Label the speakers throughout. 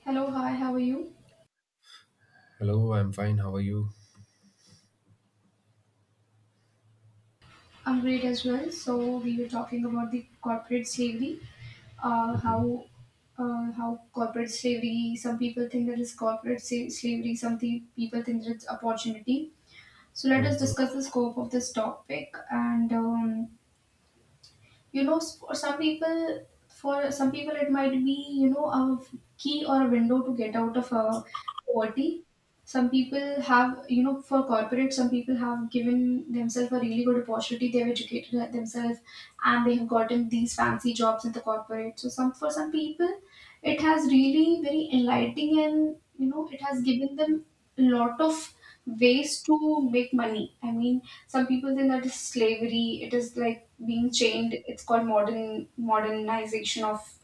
Speaker 1: Hello, hi, how are you?
Speaker 2: Hello, I'm fine. How are you?
Speaker 1: I'm great as well. So we were talking about the corporate slavery, uh,
Speaker 2: hmm
Speaker 1: how how corporate slavery. Some people think that it's corporate slavery. Some people think that it's opportunity. So let us
Speaker 2: Mm-hmm.
Speaker 1: discuss the scope of this topic and for some people, it might be, you know, a key or a window to get out of a poverty. Some people have, you know, for corporate, some people have given themselves a really good opportunity. They've educated themselves and they have gotten these fancy jobs in the corporate. So some for some people, it has really very enlightening, and you know, it has given them a lot of ways to make money. I mean, some people think that is slavery. It is like being chained. It's called modernization of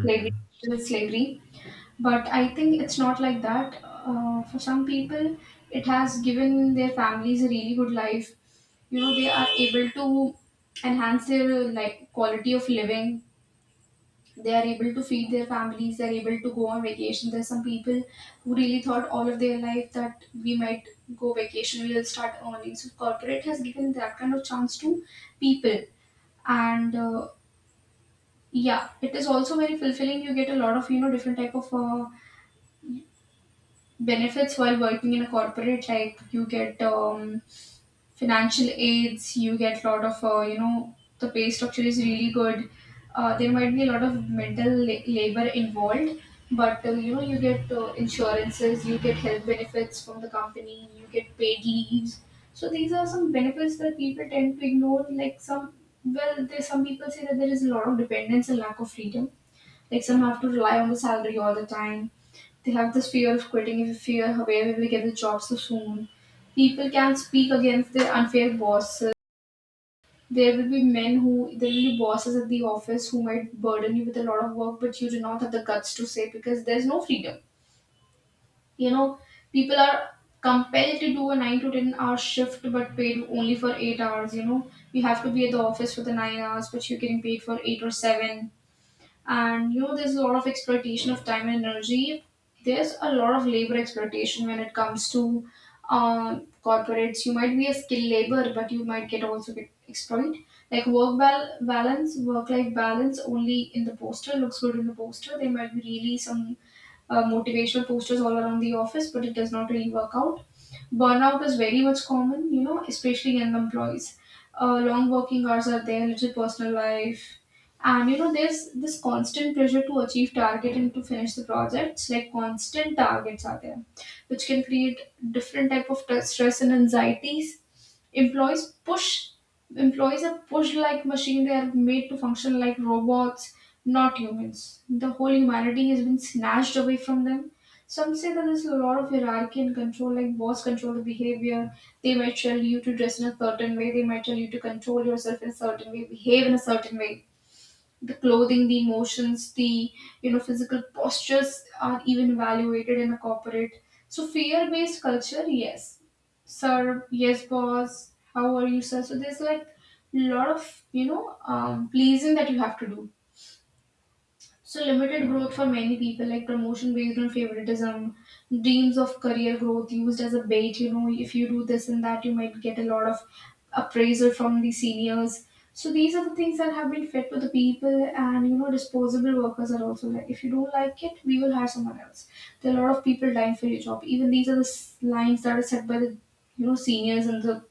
Speaker 1: slavery, digital slavery. But I think it's not like that. For some people, it has given their families a really good life. You know, they are able to enhance their like quality of living. They are able to feed their families, they're able to go on vacation. There's some people who really thought all of their life that we might go vacation, we will start earning. So corporate has given that kind of chance to people. And yeah, it is also very fulfilling. You get a lot of, you know, different type of benefits while working in a corporate. Like you get financial aids, you get a lot of, you know, the pay structure is really good. Uh, there might be a lot of mental labor involved, but you know, you get insurances, you get health benefits from the company, you get paid leaves. So these are some benefits that people tend to ignore. Like some, well, there's some people say that there is a lot of dependence and lack of freedom, like some have to rely on the salary all the time. They have this fear of quitting, if fear, where will we get the job so soon. People can speak against their unfair bosses. There will be men who, there will be bosses at the office who might burden you with a lot of work, but you do not have the guts to say because there's no freedom. You know, people are compelled to do a 9 to 10 hour shift but paid only for 8 hours, you know. You have to be at the office for the 9 hours, but you're getting paid for eight or seven, and you know, there's a lot of exploitation of time and energy. There's a lot of labor exploitation when it comes to corporates. You might be a skilled labor, but you might get also get exploit. Like work balance, work life balance only in the poster, looks good in the poster. There might be really some motivational posters all around the office, but it does not really work out. Burnout is very much common, you know, especially young employees. Uh, long working hours are there, little personal life. And you know, there's this constant pressure to achieve target and to finish the projects, like constant targets are there, which can create different type of stress and anxieties. Employees push, employees are pushed like machine. They are made to function like robots, not humans. The whole humanity has been snatched away from them. Some say that there's a lot of hierarchy and control, like boss control the behavior. They might tell you to dress in a certain way. They might tell you to control yourself in a certain way, behave in a certain way, the clothing, the emotions, the, you know, physical postures are even evaluated in a corporate. So fear based culture, yes sir, yes boss, how are you sir. So there's like lot of, you know, pleasing that you have to do. So limited growth for many people, like promotion based on favoritism, dreams of career growth used as a bait. You know, if you do this and that, you might get a lot of appraisal from the seniors. So these are the things that have been fed to the people, and you know, disposable workers are also like, if you don't like it, we will hire someone else. There are a lot of people dying for your job. Even these are the lines that are set by the, you know, seniors and the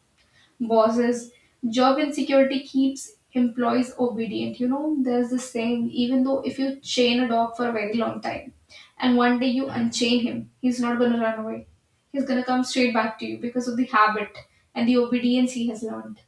Speaker 1: bosses. Job insecurity keeps employees obedient. You know, there's this saying, even though if you chain a dog for a very long time and one day you unchain him, he's not going to run away. He's going to come straight back to you because of the habit and the obedience he has learned.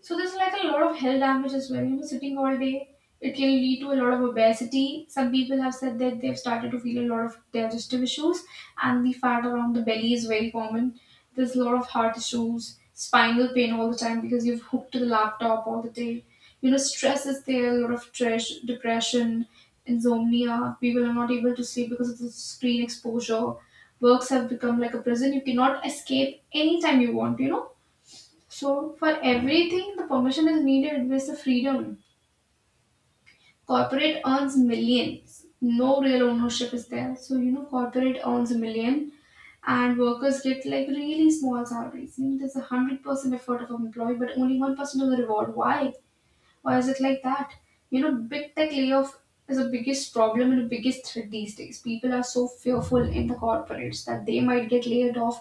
Speaker 1: So there's like a lot of health damage as well. You know, sitting all day, it can lead to a lot of obesity. Some people have said that they've started to feel a lot of digestive issues, and the fat around the belly is very common. There's a lot of heart issues, spinal pain all the time because you've hooked to the laptop all the day. You know, stress is there, a lot of trash depression, insomnia. People are not able to sleep because of the screen exposure. Works have become like a prison. You cannot escape anytime you want, you know, so for everything, the permission is needed with the freedom. Corporate earns millions. No real ownership is there. So you know, corporate earns a million and workers get like really small salaries. You know, there's 100% effort of an employee, but only 1% of the reward. Why? Why is it like that? You know, big tech layoff is the biggest problem and the biggest threat these days. People are so fearful in the corporates that they might get laid off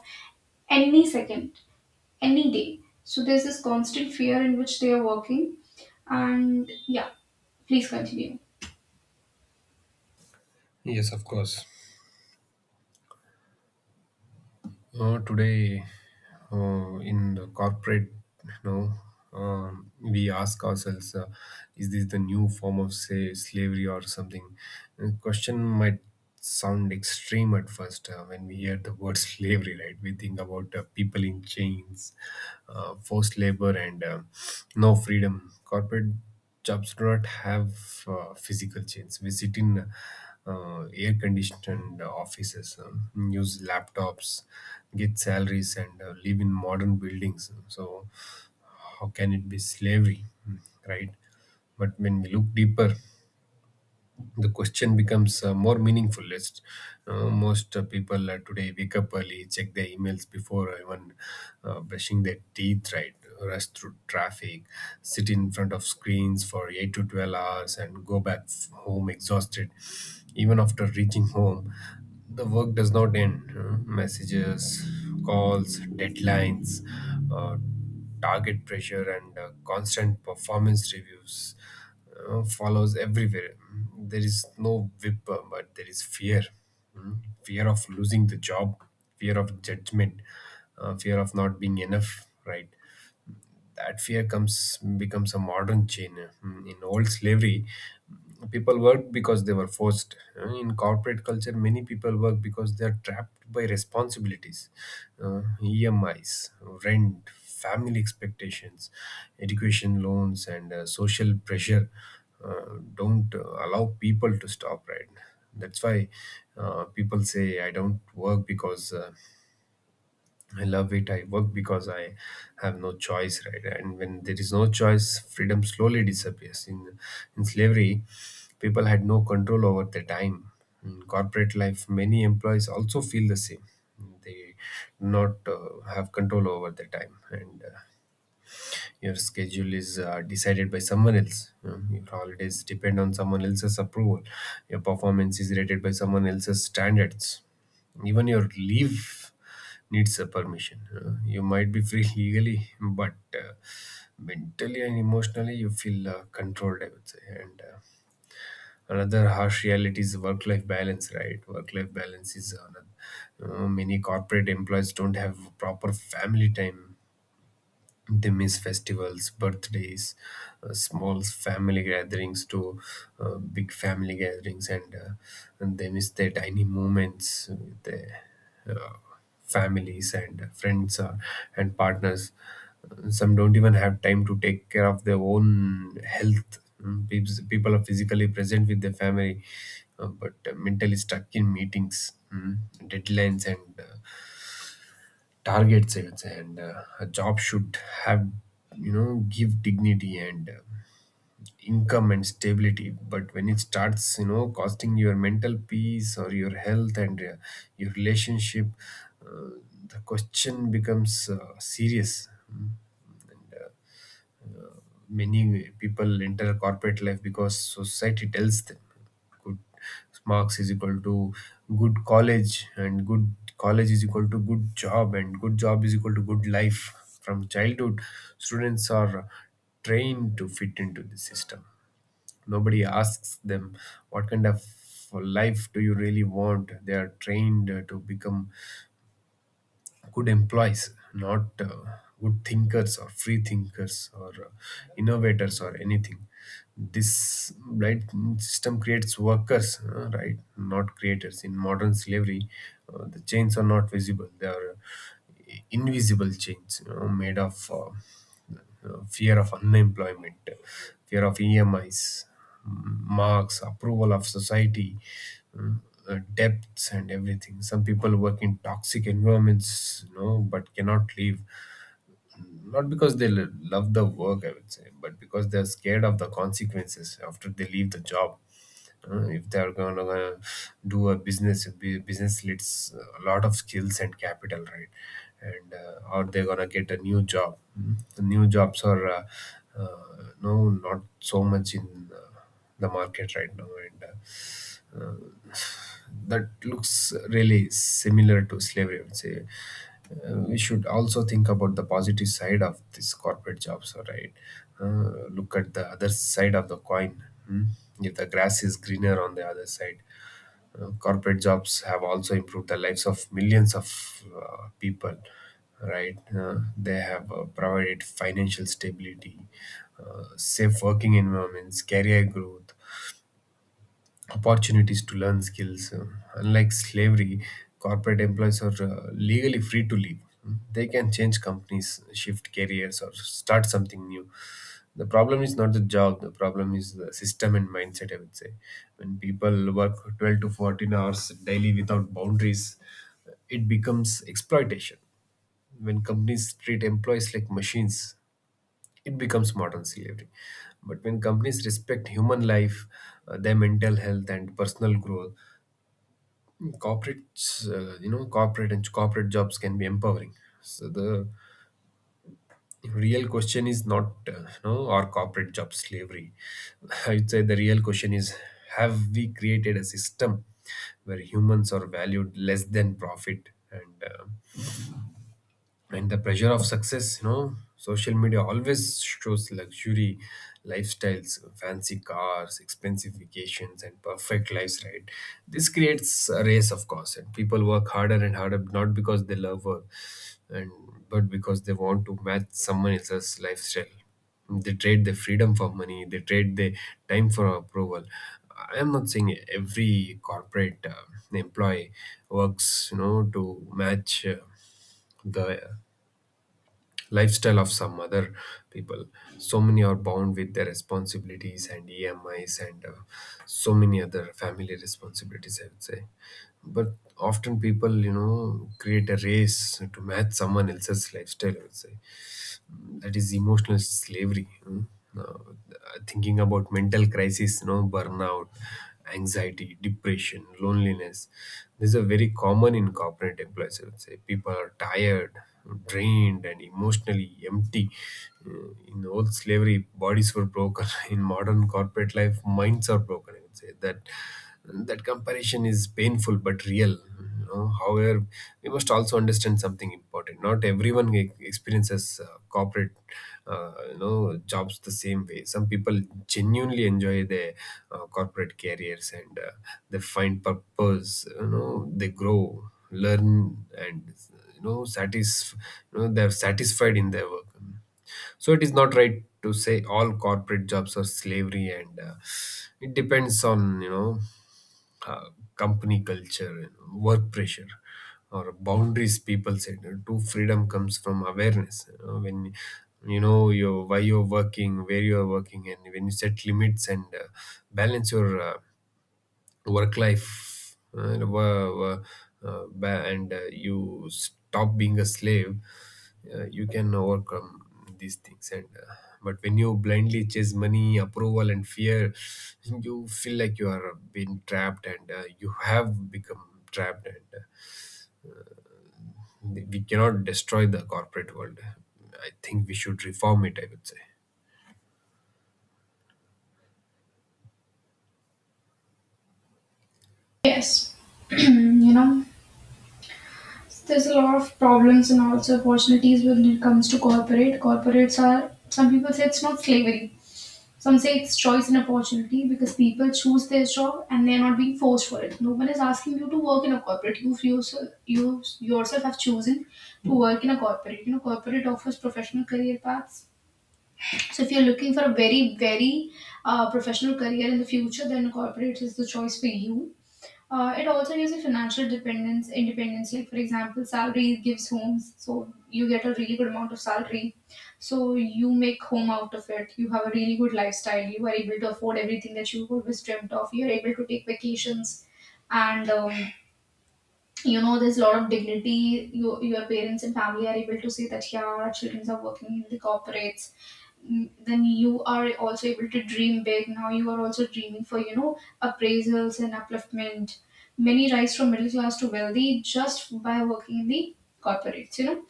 Speaker 1: any second, any day. So there's this constant fear in which they are working. And yeah, please continue.
Speaker 2: Yes, of course. Today, in the corporate, you know, we ask ourselves, is this the new form of, say, slavery or something? The question might sound extreme at first when we hear the word slavery, right? We think about people in chains, forced labor, and no freedom. Corporate jobs do not have physical chains. We sit in air conditioned offices, use laptops, get salaries, and live in modern buildings. So, how can it be slavery, right? But when we look deeper, the question becomes more meaningful. Most people today wake up early, check their emails before even brushing their teeth, right? Rush through traffic, sit in front of screens for 8 to 12 hours, and go back home exhausted. Even after reaching home, the work does not end. Messages, calls, deadlines, uh, target pressure, and constant performance reviews follows everywhere. There is no whip, but there is fear. Fear of losing the job, fear of judgment, fear of not being enough. Right. That fear comes becomes a modern chain. In old slavery, people worked because they were forced. In corporate culture, many people work because they are trapped by responsibilities, uh, emis, rent, family expectations, education loans, and social pressure uh, don't allow people to stop, right? That's why people say, I don't work because I love it. I work because I have no choice, right? And when there is no choice, freedom slowly disappears. In slavery, people had no control over their time. In corporate life, many employees also feel the same. They do not have control over their time, and your schedule is decided by someone else. You know. Your holidays depend on someone else's approval. Your performance is rated by someone else's standards. Even your leave needs a permission. You know. You might be free legally, but mentally and emotionally, you feel controlled, I would say. And another harsh reality is work life balance, right? Work life balance is another. You know, many corporate employees don't have proper family time. They miss festivals, birthdays, small family gatherings to big family gatherings, and and they miss their tiny moments with their uh, families and friends and partners. Some don't even have time to take care of their own health. People are physically present with their family, but mentally stuck in meetings, mm, deadlines, and targets, I would say. And a job should have, you know, give dignity and income and stability, but when it starts, you know, costing your mental peace or your health and your relationship, uh, the question becomes serious. Mm. And many people enter corporate life because society tells them good marks is equal to good college, and good college is equal to good job, and good job is equal to good life. From childhood, students are trained to fit into the system. Nobody asks them what kind of life do you really want. They are trained to become good employees, not good thinkers or free thinkers or innovators or anything. This system creates workers, right, not creators. In modern slavery, the chains are not visible; they are invisible chains, you know, made of. Fear of unemployment, fear of EMIs, marks, approval of society, mm, debts, and everything. Some people work in toxic environments, you know, but cannot leave, not because they love the work, I would say, but because they're scared of the consequences after they leave the job. If they're going to do a business, business needs a lot of skills and capital, right? And or they're going to get a new job. Mm. The new jobs are no, not so much in uh, the market right now, and uh, that looks really similar to slavery, I would say. We should also think about the positive side of these corporate jobs, all right? Look at the other side of the coin. Hmm? If the grass is greener on the other side, corporate jobs have also improved the lives of millions of people, right? They have provided financial stability, safe working environments, career growth, opportunities to learn skills. Unlike slavery, corporate employees are legally free to leave. They can change companies, shift careers, or start something new. The problem is not the job, the problem is the system and mindset, I would say. When people work 12 to 14 hours daily without boundaries, it becomes exploitation. When companies treat employees like machines, it becomes modern slavery. But when companies respect human life, their mental health, and personal growth, corporates you know corporate and corporate jobs can be empowering. So the real question is not, you know, are corporate job slavery? I'd say the real question is, have we created a system where humans are valued less than profit? And and the pressure of success, you know, social media always shows luxury lifestyles, fancy cars, expensive vacations, and perfect lives, right? This creates a race, of course, and people work harder and harder, not because they love work, and but because they want to match someone else's lifestyle. They trade their freedom for money, they trade their time for approval. I am not saying every corporate employee works, you know, to match the lifestyle of some other people. So many are bound with their responsibilities and emis and so many other family responsibilities, I would say, but often people, you know, create a race to match someone else's lifestyle, I would say. That is emotional slavery. Hmm? Uh, Thinking about mental crisis, you know, burnout, anxiety, depression, loneliness, these are very common in corporate employees, I would say. People are tired, drained, and emotionally empty. In old slavery, bodies were broken. In modern corporate life, minds are broken, I would say. That comparison is painful but real. You know, however, we must also understand something important. Not everyone experiences corporate jobs the same way. Some people genuinely enjoy their corporate careers, and they find purpose. You know, they grow, learn, and you know satisf- you know, they're satisfied in their work. So it is not right to say all corporate jobs are slavery, and it depends on, you know, company culture, and work pressure, or boundaries people set. You know, true freedom comes from awareness. You know, when you know your why you're working, where you're working, and when you set limits and balance your work life wo- wo- ba- and you stop being a slave. You can overcome these things, and but when you blindly chase money, approval, and fear, you feel like you are being trapped, and you have become trapped. And we cannot destroy the corporate world. I think we should reform it, I would say.
Speaker 1: Yes, you know, there's a lot of problems and also opportunities when it comes to corporate. Corporates are, some people say it's not slavery. Some say it's choice and opportunity because people choose their job and they're not being forced for it. No one is asking you to work in a corporate. You yourself have chosen to work in a corporate. You know, corporate offers professional career paths. So if you're looking for a very, professional career in the future, then corporate is the choice for you. It also gives you financial independence. Like for example, salary gives homes, so you get a really good amount of salary. So you make home out of it. You have a really good lifestyle. You are able to afford everything that you always dreamt of. You are able to take vacations, and you know, there's a lot of dignity. You, your parents and family are able to say that yeah, our children are working in the corporates. Mm, then you are also able to dream big. Now you are also dreaming for, you know, appraisals and upliftment. Many rise from middle class to wealthy just by working in the corporates, you know.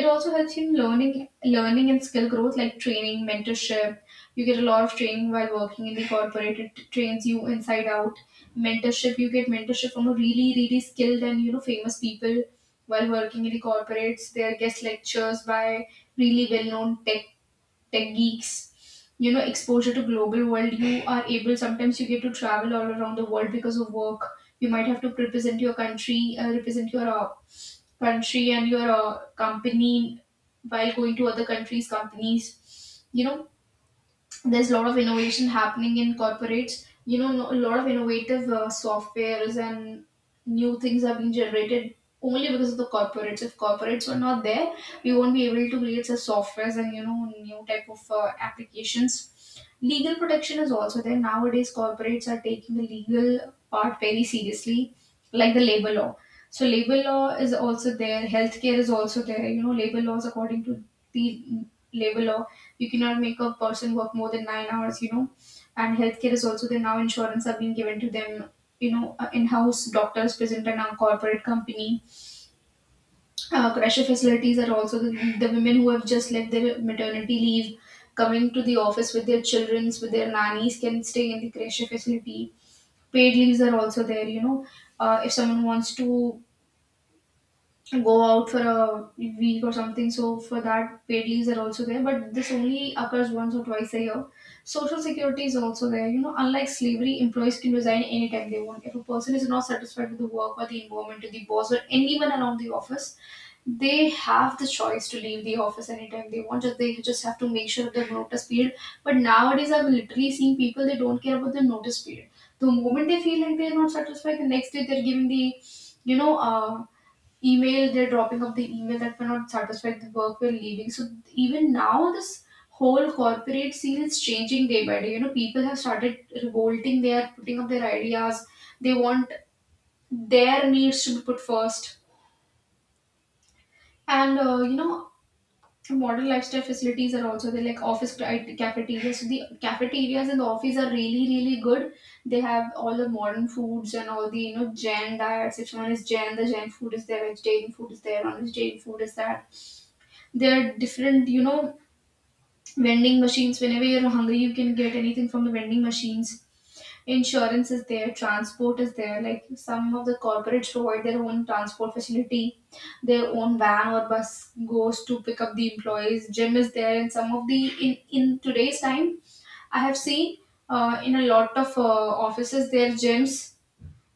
Speaker 1: It also helps in learning and skill growth, like training, mentorship. You get a lot of training while working in the corporate. It trains you inside out. Mentorship, you get mentorship from a really, really skilled and you know famous people while working in the corporates. They are guest lectures by really well known tech geeks. You know, exposure to global world, you are able, sometimes you get to travel all around the world because of work. You might have to represent your country, represent your country and your company while going to other countries, companies. You know, there's a lot of innovation happening in corporates. You know, a lot of innovative softwares and new things have been generated only because of the corporates. If corporates were not there, we won't be able to create such softwares and you know new type of applications. Legal protection is also there. Nowadays corporates are taking the legal part very seriously, like the labor law. So labor law is also there, healthcare is also there. You know, labor laws, according to the labor law, you cannot make a person work more than 9 hours, you know. And healthcare is also there now. Insurance are being given to them, you know, in-house doctors present in our corporate company. Crèche facilities are also the women who have just left their maternity leave, coming to the office with their children, with their nannies, can stay in the crèche facility. Paid leaves are also there, you know. If someone wants to go out for a week or something. So for that, paid leaves are also there. But this only occurs once or twice a year. Social security is also there. You know, unlike slavery, employees can resign anytime they want. If a person is not satisfied with the work or the environment or the boss or anyone around the office, they have the choice to leave the office anytime they want. Just they just have to make sure of their notice period. But nowadays, I've literally seen people they don't care about the notice period. The moment they feel like they're not satisfied, the next day they're giving the, you know, uh, email. They're dropping up the email that we're not satisfied with the work. We're leaving. So even now, this whole corporate scene is changing day by day. You know, people have started revolting. They are putting up their ideas. They want their needs to be put first, and you know, modern lifestyle facilities are also there, like cafeterias. So the cafeterias in the office are really, really good. They have all the modern foods and all the, you know, Jain diets. If someone is Jain, the Jain food is there. Vegetarian food is there. Non-vegetarian food is that. There are different, you know, vending machines. Whenever you're hungry, you can get anything from the vending machines. Insurance is there, transport is there. Like some of the corporates provide their own transport facility, their own van or bus goes to pick up the employees. Gym is there, and some of the in today's time, I have seen in a lot of offices their gyms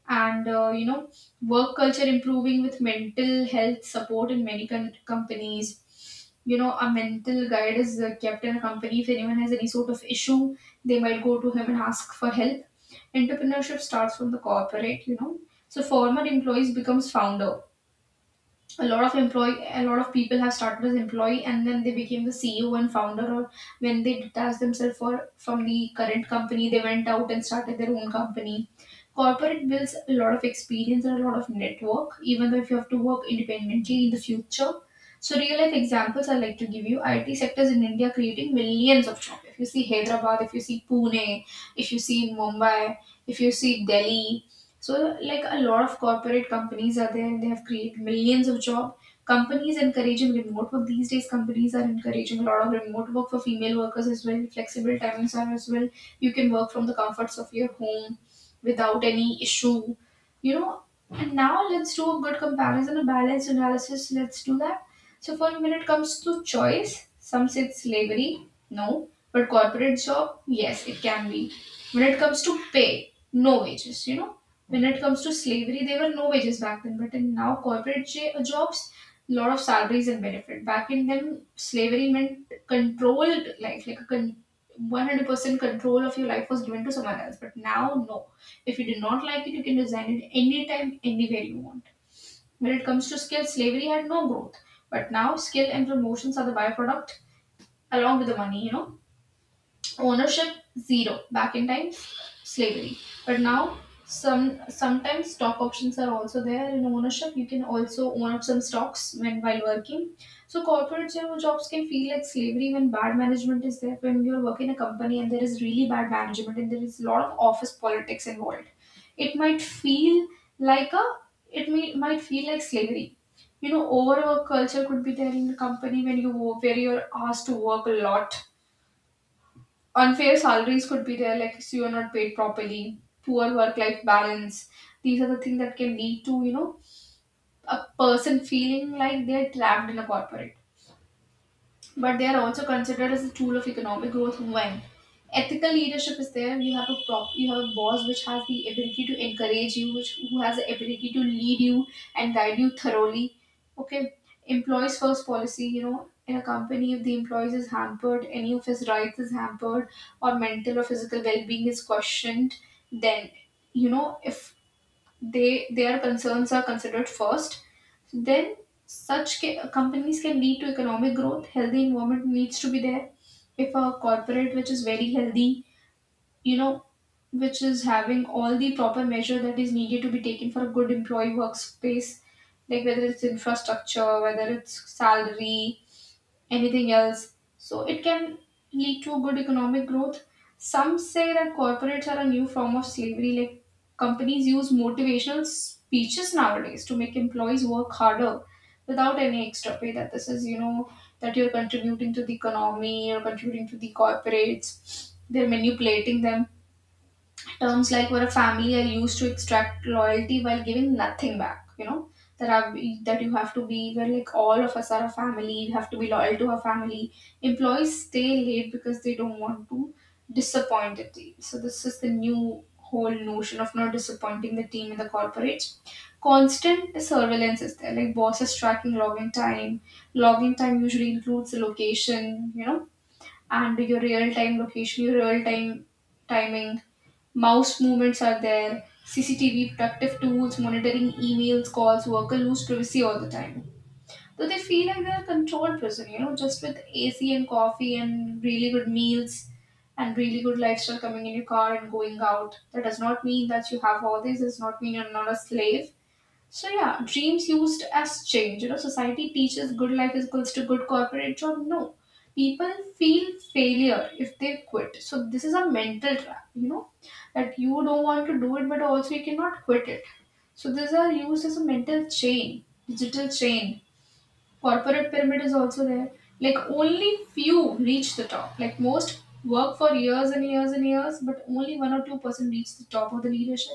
Speaker 1: and you know, work culture improving with mental health support in many companies. You know, a mental guide is kept in a company. If anyone has any sort of issue, they might go to him and ask for help. Entrepreneurship starts from the corporate, you know, so former employees becomes founder. A lot of people have started as employee and then they became the CEO and founder, or when they detached themselves from the current company, they went out and started their own company. Corporate builds a lot of experience and a lot of network, even though if you have to work independently in the future. So real life examples I like to give you, IT sectors in India creating millions of jobs. If you see Hyderabad, if you see Pune, if you see Mumbai, if you see Delhi, so, like a lot of corporate companies are there and they have created millions of job. Companies encouraging remote work. These days, companies are encouraging a lot of remote work for female workers as well. Flexible timings are as well. You can work from the comforts of your home without any issue. You know, and now let's do a good comparison, a balanced analysis. Let's do that. So, for when it comes to choice, some say it's slavery, no, but corporate job, yes, it can be. When it comes to pay, no wages, you know, when it comes to slavery, there were no wages back then, but in now corporate jobs, lot of salaries and benefit. Back in them, slavery meant controlled life, like a 100% control of your life was given to someone else. But now, no. If you do not like it, you can resign it anytime, anywhere you want. When it comes to skill, slavery had no growth, but now skill and promotions are the byproduct along with the money, you know. Ownership zero back in time, slavery, but now sometimes stock options are also there in ownership. You can also own up some stocks when while working. So corporate jobs can feel like slavery when bad management is there, when you're working in a company and there is really bad management and there is a lot of office politics involved. It might feel like a, it might feel like slavery, you know. Overwork culture could be there in the company when where you're asked to work a lot. Unfair salaries could be there, like so you're not paid properly, poor work life balance. These are the things that can lead to, you know, a person feeling like they're trapped in a corporate, but they are also considered as a tool of economic growth when ethical leadership is there. You have a prop you have a boss which has the ability to encourage you, which who has the ability to lead you and guide you thoroughly. Okay. Employees first policy, you know, in a company, if the employees is hampered, any of his rights is hampered or mental or physical well-being is questioned, then, you know, if they their concerns are considered first, then such companies can lead to economic growth. Healthy environment needs to be there. If a corporate which is very healthy, you know, which is having all the proper measure that is needed to be taken for a good employee workspace, like whether it's infrastructure, whether it's salary, anything else. So it can lead to good economic growth. Some say that corporates are a new form of slavery, like companies use motivational speeches nowadays to make employees work harder without any extra pay. That this is, you know, that you're contributing to the economy, you're contributing to the corporates, they're manipulating them. Terms like we're a family are used to extract loyalty while giving nothing back. You know, that are that you have to be where like all of us are a family. You have to be loyal to our family. Employees stay late because they don't want to disappoint the team. So this is the new whole notion of not disappointing the team in the corporate. Constant surveillance is there, like bosses tracking login time. Login time usually includes the location, you know, and your real time location, your real time timing, mouse movements are there, CCTV, protective tools, monitoring emails, calls, worker lose privacy all the time. So they feel like they're a controlled person, you know, just with AC and coffee and really good meals and really good lifestyle coming in your car and going out. That does not mean that you have all this, does not mean you're not a slave. So yeah, dreams used as change. You know, society teaches good life is equals to good corporate job. No. People feel failure if they quit. So this is a mental trap, you know, that you don't want to do it but also you cannot quit it. So these are used as a mental chain, digital chain. Corporate pyramid is also there. Like only few reach the top. Like most work for years and years and years, but only one or two-person reach the top of the leadership.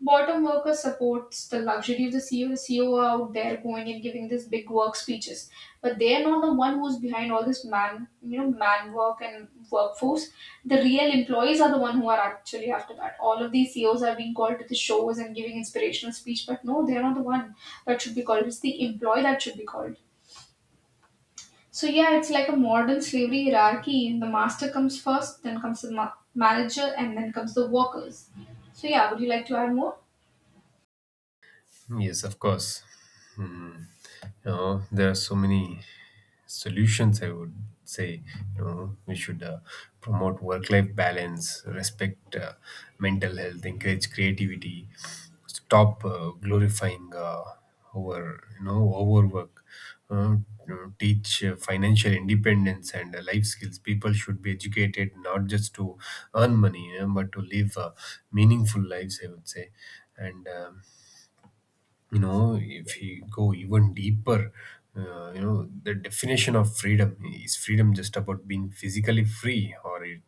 Speaker 1: Bottom worker supports the luxury of the CEO. The CEO are out there going and giving these big work speeches, but they are not the one who's behind all this man, you know, man work and workforce. The real employees are the one who are actually after that. All of these CEOs are being called to the shows and giving inspirational speech, but no, they are not the one that should be called. It's the employee that should be called. So yeah, it's like a modern slavery hierarchy. The master comes first, then comes the manager, and then comes the workers. So yeah, would you like to add more?
Speaker 2: Yes, of course. Hmm. You know, there are so many solutions. I would say, you know, we should promote work-life balance, respect mental health, encourage creativity, stop glorifying overwork. Uh, you know, teach financial independence and life skills. People should be educated not just to earn money, you know, but to live meaningful lives, I would say. And you know, if you go even deeper, you know, the definition of freedom, is freedom just about being physically free, or it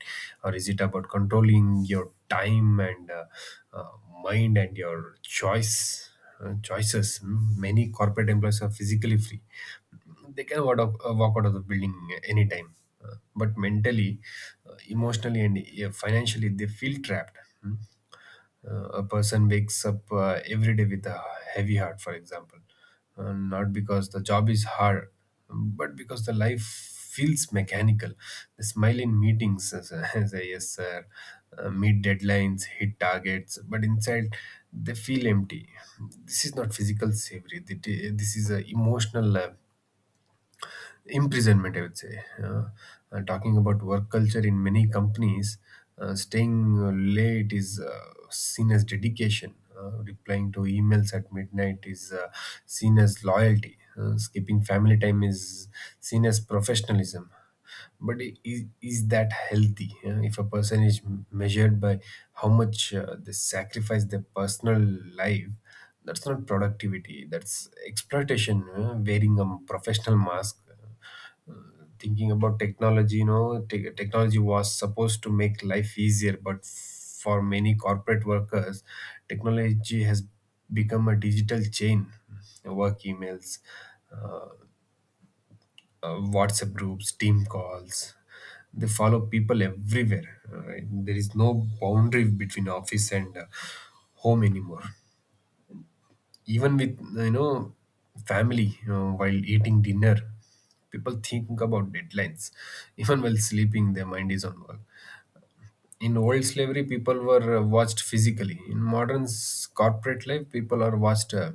Speaker 2: or is it about controlling your time and uh, mind and your choices? Hmm. Many corporate employees are physically free. They can walk out of the building anytime. But mentally, emotionally, and financially, they feel trapped. Hmm. A person wakes up every day with a heavy heart, for example, not because the job is hard, but because the life feels mechanical. They smile in meetings, say yes, sir, meet deadlines, hit targets, but inside they feel empty. This is not physical savory. This is a emotional imprisonment, I would say. And talking about work culture in many companies, staying late is seen as dedication. Replying to emails at midnight is seen as loyalty. Skipping family time is seen as professionalism. But is that healthy? If a person is measured by how much they sacrifice their personal life, that's not productivity. That's exploitation, wearing a professional mask thinking about technology. Technology was supposed to make life easier, but for many corporate workers technology has become a digital chain. Work emails, WhatsApp groups, team calls, they follow people everywhere, right? There is no boundary between office and home anymore. Even with family, while eating dinner, people think about deadlines. Even while sleeping, their mind is on work. In old slavery, people were watched physically. In modern corporate life, people are watched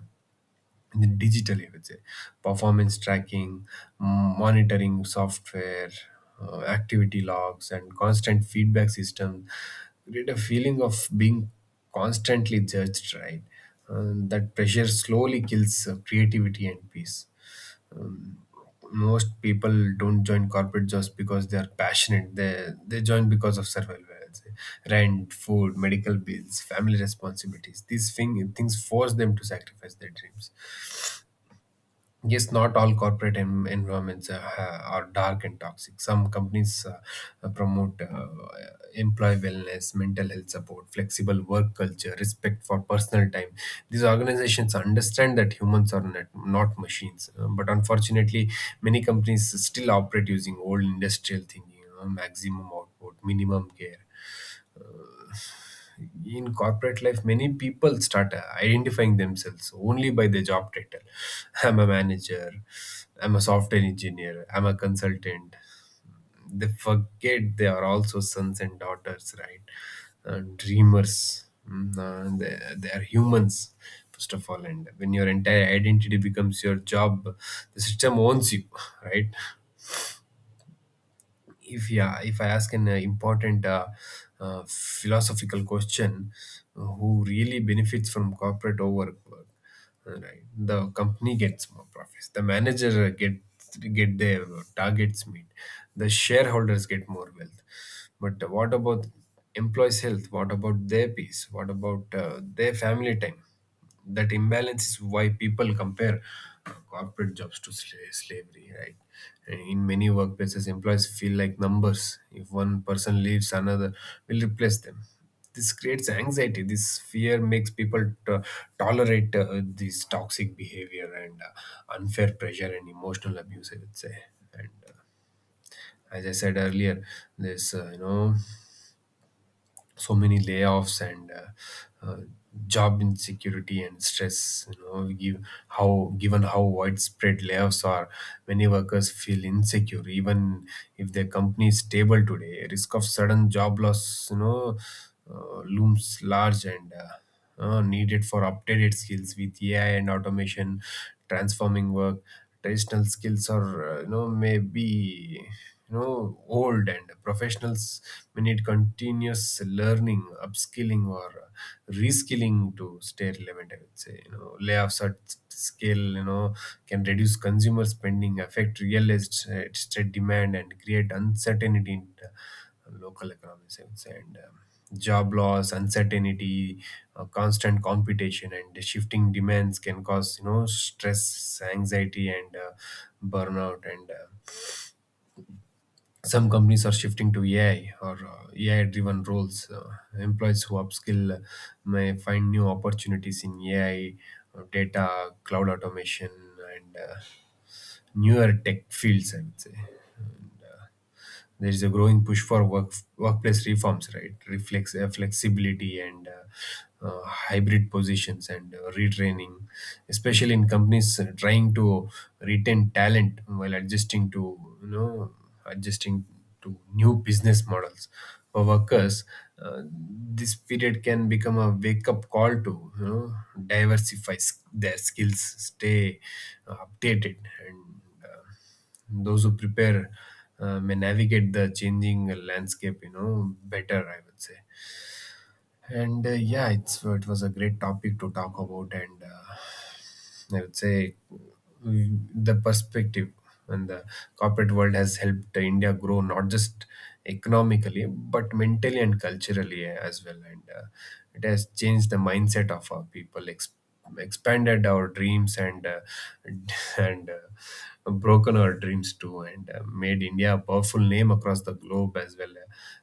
Speaker 2: digitally, I would say. Performance tracking, monitoring software, activity logs, and constant feedback system create a feeling of being constantly judged, right? That pressure slowly kills creativity and peace. Most people don't join corporate jobs because they are passionate. They join because of survival, I'd say. Rent, food, medical bills, family responsibilities, things force them to sacrifice their dreams. Yes, not all corporate environments are dark and toxic. Some companies promote employee wellness, mental health support, flexible work culture, respect for personal time. These organizations understand that humans are not machines. But unfortunately, many companies still operate using old industrial thinking, you know, maximum output, minimum care. In corporate life, many people start identifying themselves only by their job title. I'm a manager, I'm a software engineer, I'm a consultant. They forget they are also sons and daughters, right? Dreamers. Mm, they are humans first of all. And when your entire identity becomes your job, the system owns you. Right. If I ask an important philosophical question, who really benefits from corporate overwork? Right. The company gets more profits, the manager gets get their targets meet, the shareholders get more wealth. But what about employees health? What about their peace? What about their family time? That imbalance is why people compare corporate jobs to slavery, right? And in many workplaces, employees feel like numbers. If one person leaves, another will replace them. This creates anxiety. This fear makes people to tolerate this toxic behavior and unfair pressure and emotional abuse, I would say. And as I said earlier, this, so many layoffs and job insecurity and stress, you know. Given how widespread layoffs are, many workers feel insecure even if their company is stable today. Risk of sudden job loss, you know, looms large. And needed for updated skills with AI and automation transforming work. Traditional skills are, you know, maybe you know old, and professionals may need continuous learning, upskilling, or reskilling to stay relevant. I would say, you know, layoffs are scale, you know, can reduce consumer spending, affect real estate demand, and create uncertainty in local economies, I would say. And job loss, uncertainty, constant competition, and shifting demands can cause, you know, stress, anxiety, and burnout. And some companies are shifting to AI or AI driven roles. Employees who upskill may find new opportunities in AI, data, cloud automation, and newer tech fields, I would say. And, there is a growing push for workplace reforms, right? Flexibility and hybrid positions and retraining, especially in companies trying to retain talent while adjusting to new business models for workers. This period can become a wake-up call to, you know, diversify their skills, stay updated, and those who prepare may navigate the changing landscape, you know, better, I would say. And yeah, it was a great topic to talk about, and I would say, mm, the perspective and the corporate world has helped India grow, not just economically but mentally and culturally as well, and it has changed the mindset of our people, expanded our dreams, and and broken our dreams too, and made India a powerful name across the globe as well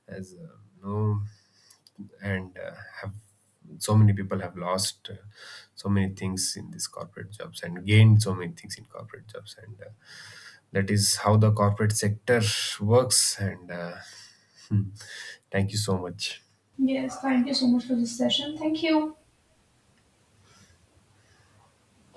Speaker 2: as no and have so many people have lost so many things in these corporate jobs and gained so many things in corporate jobs, and that is how the corporate sector works. And Hmm. Thank you so much.
Speaker 1: Yes, thank you so much for this session. Thank you.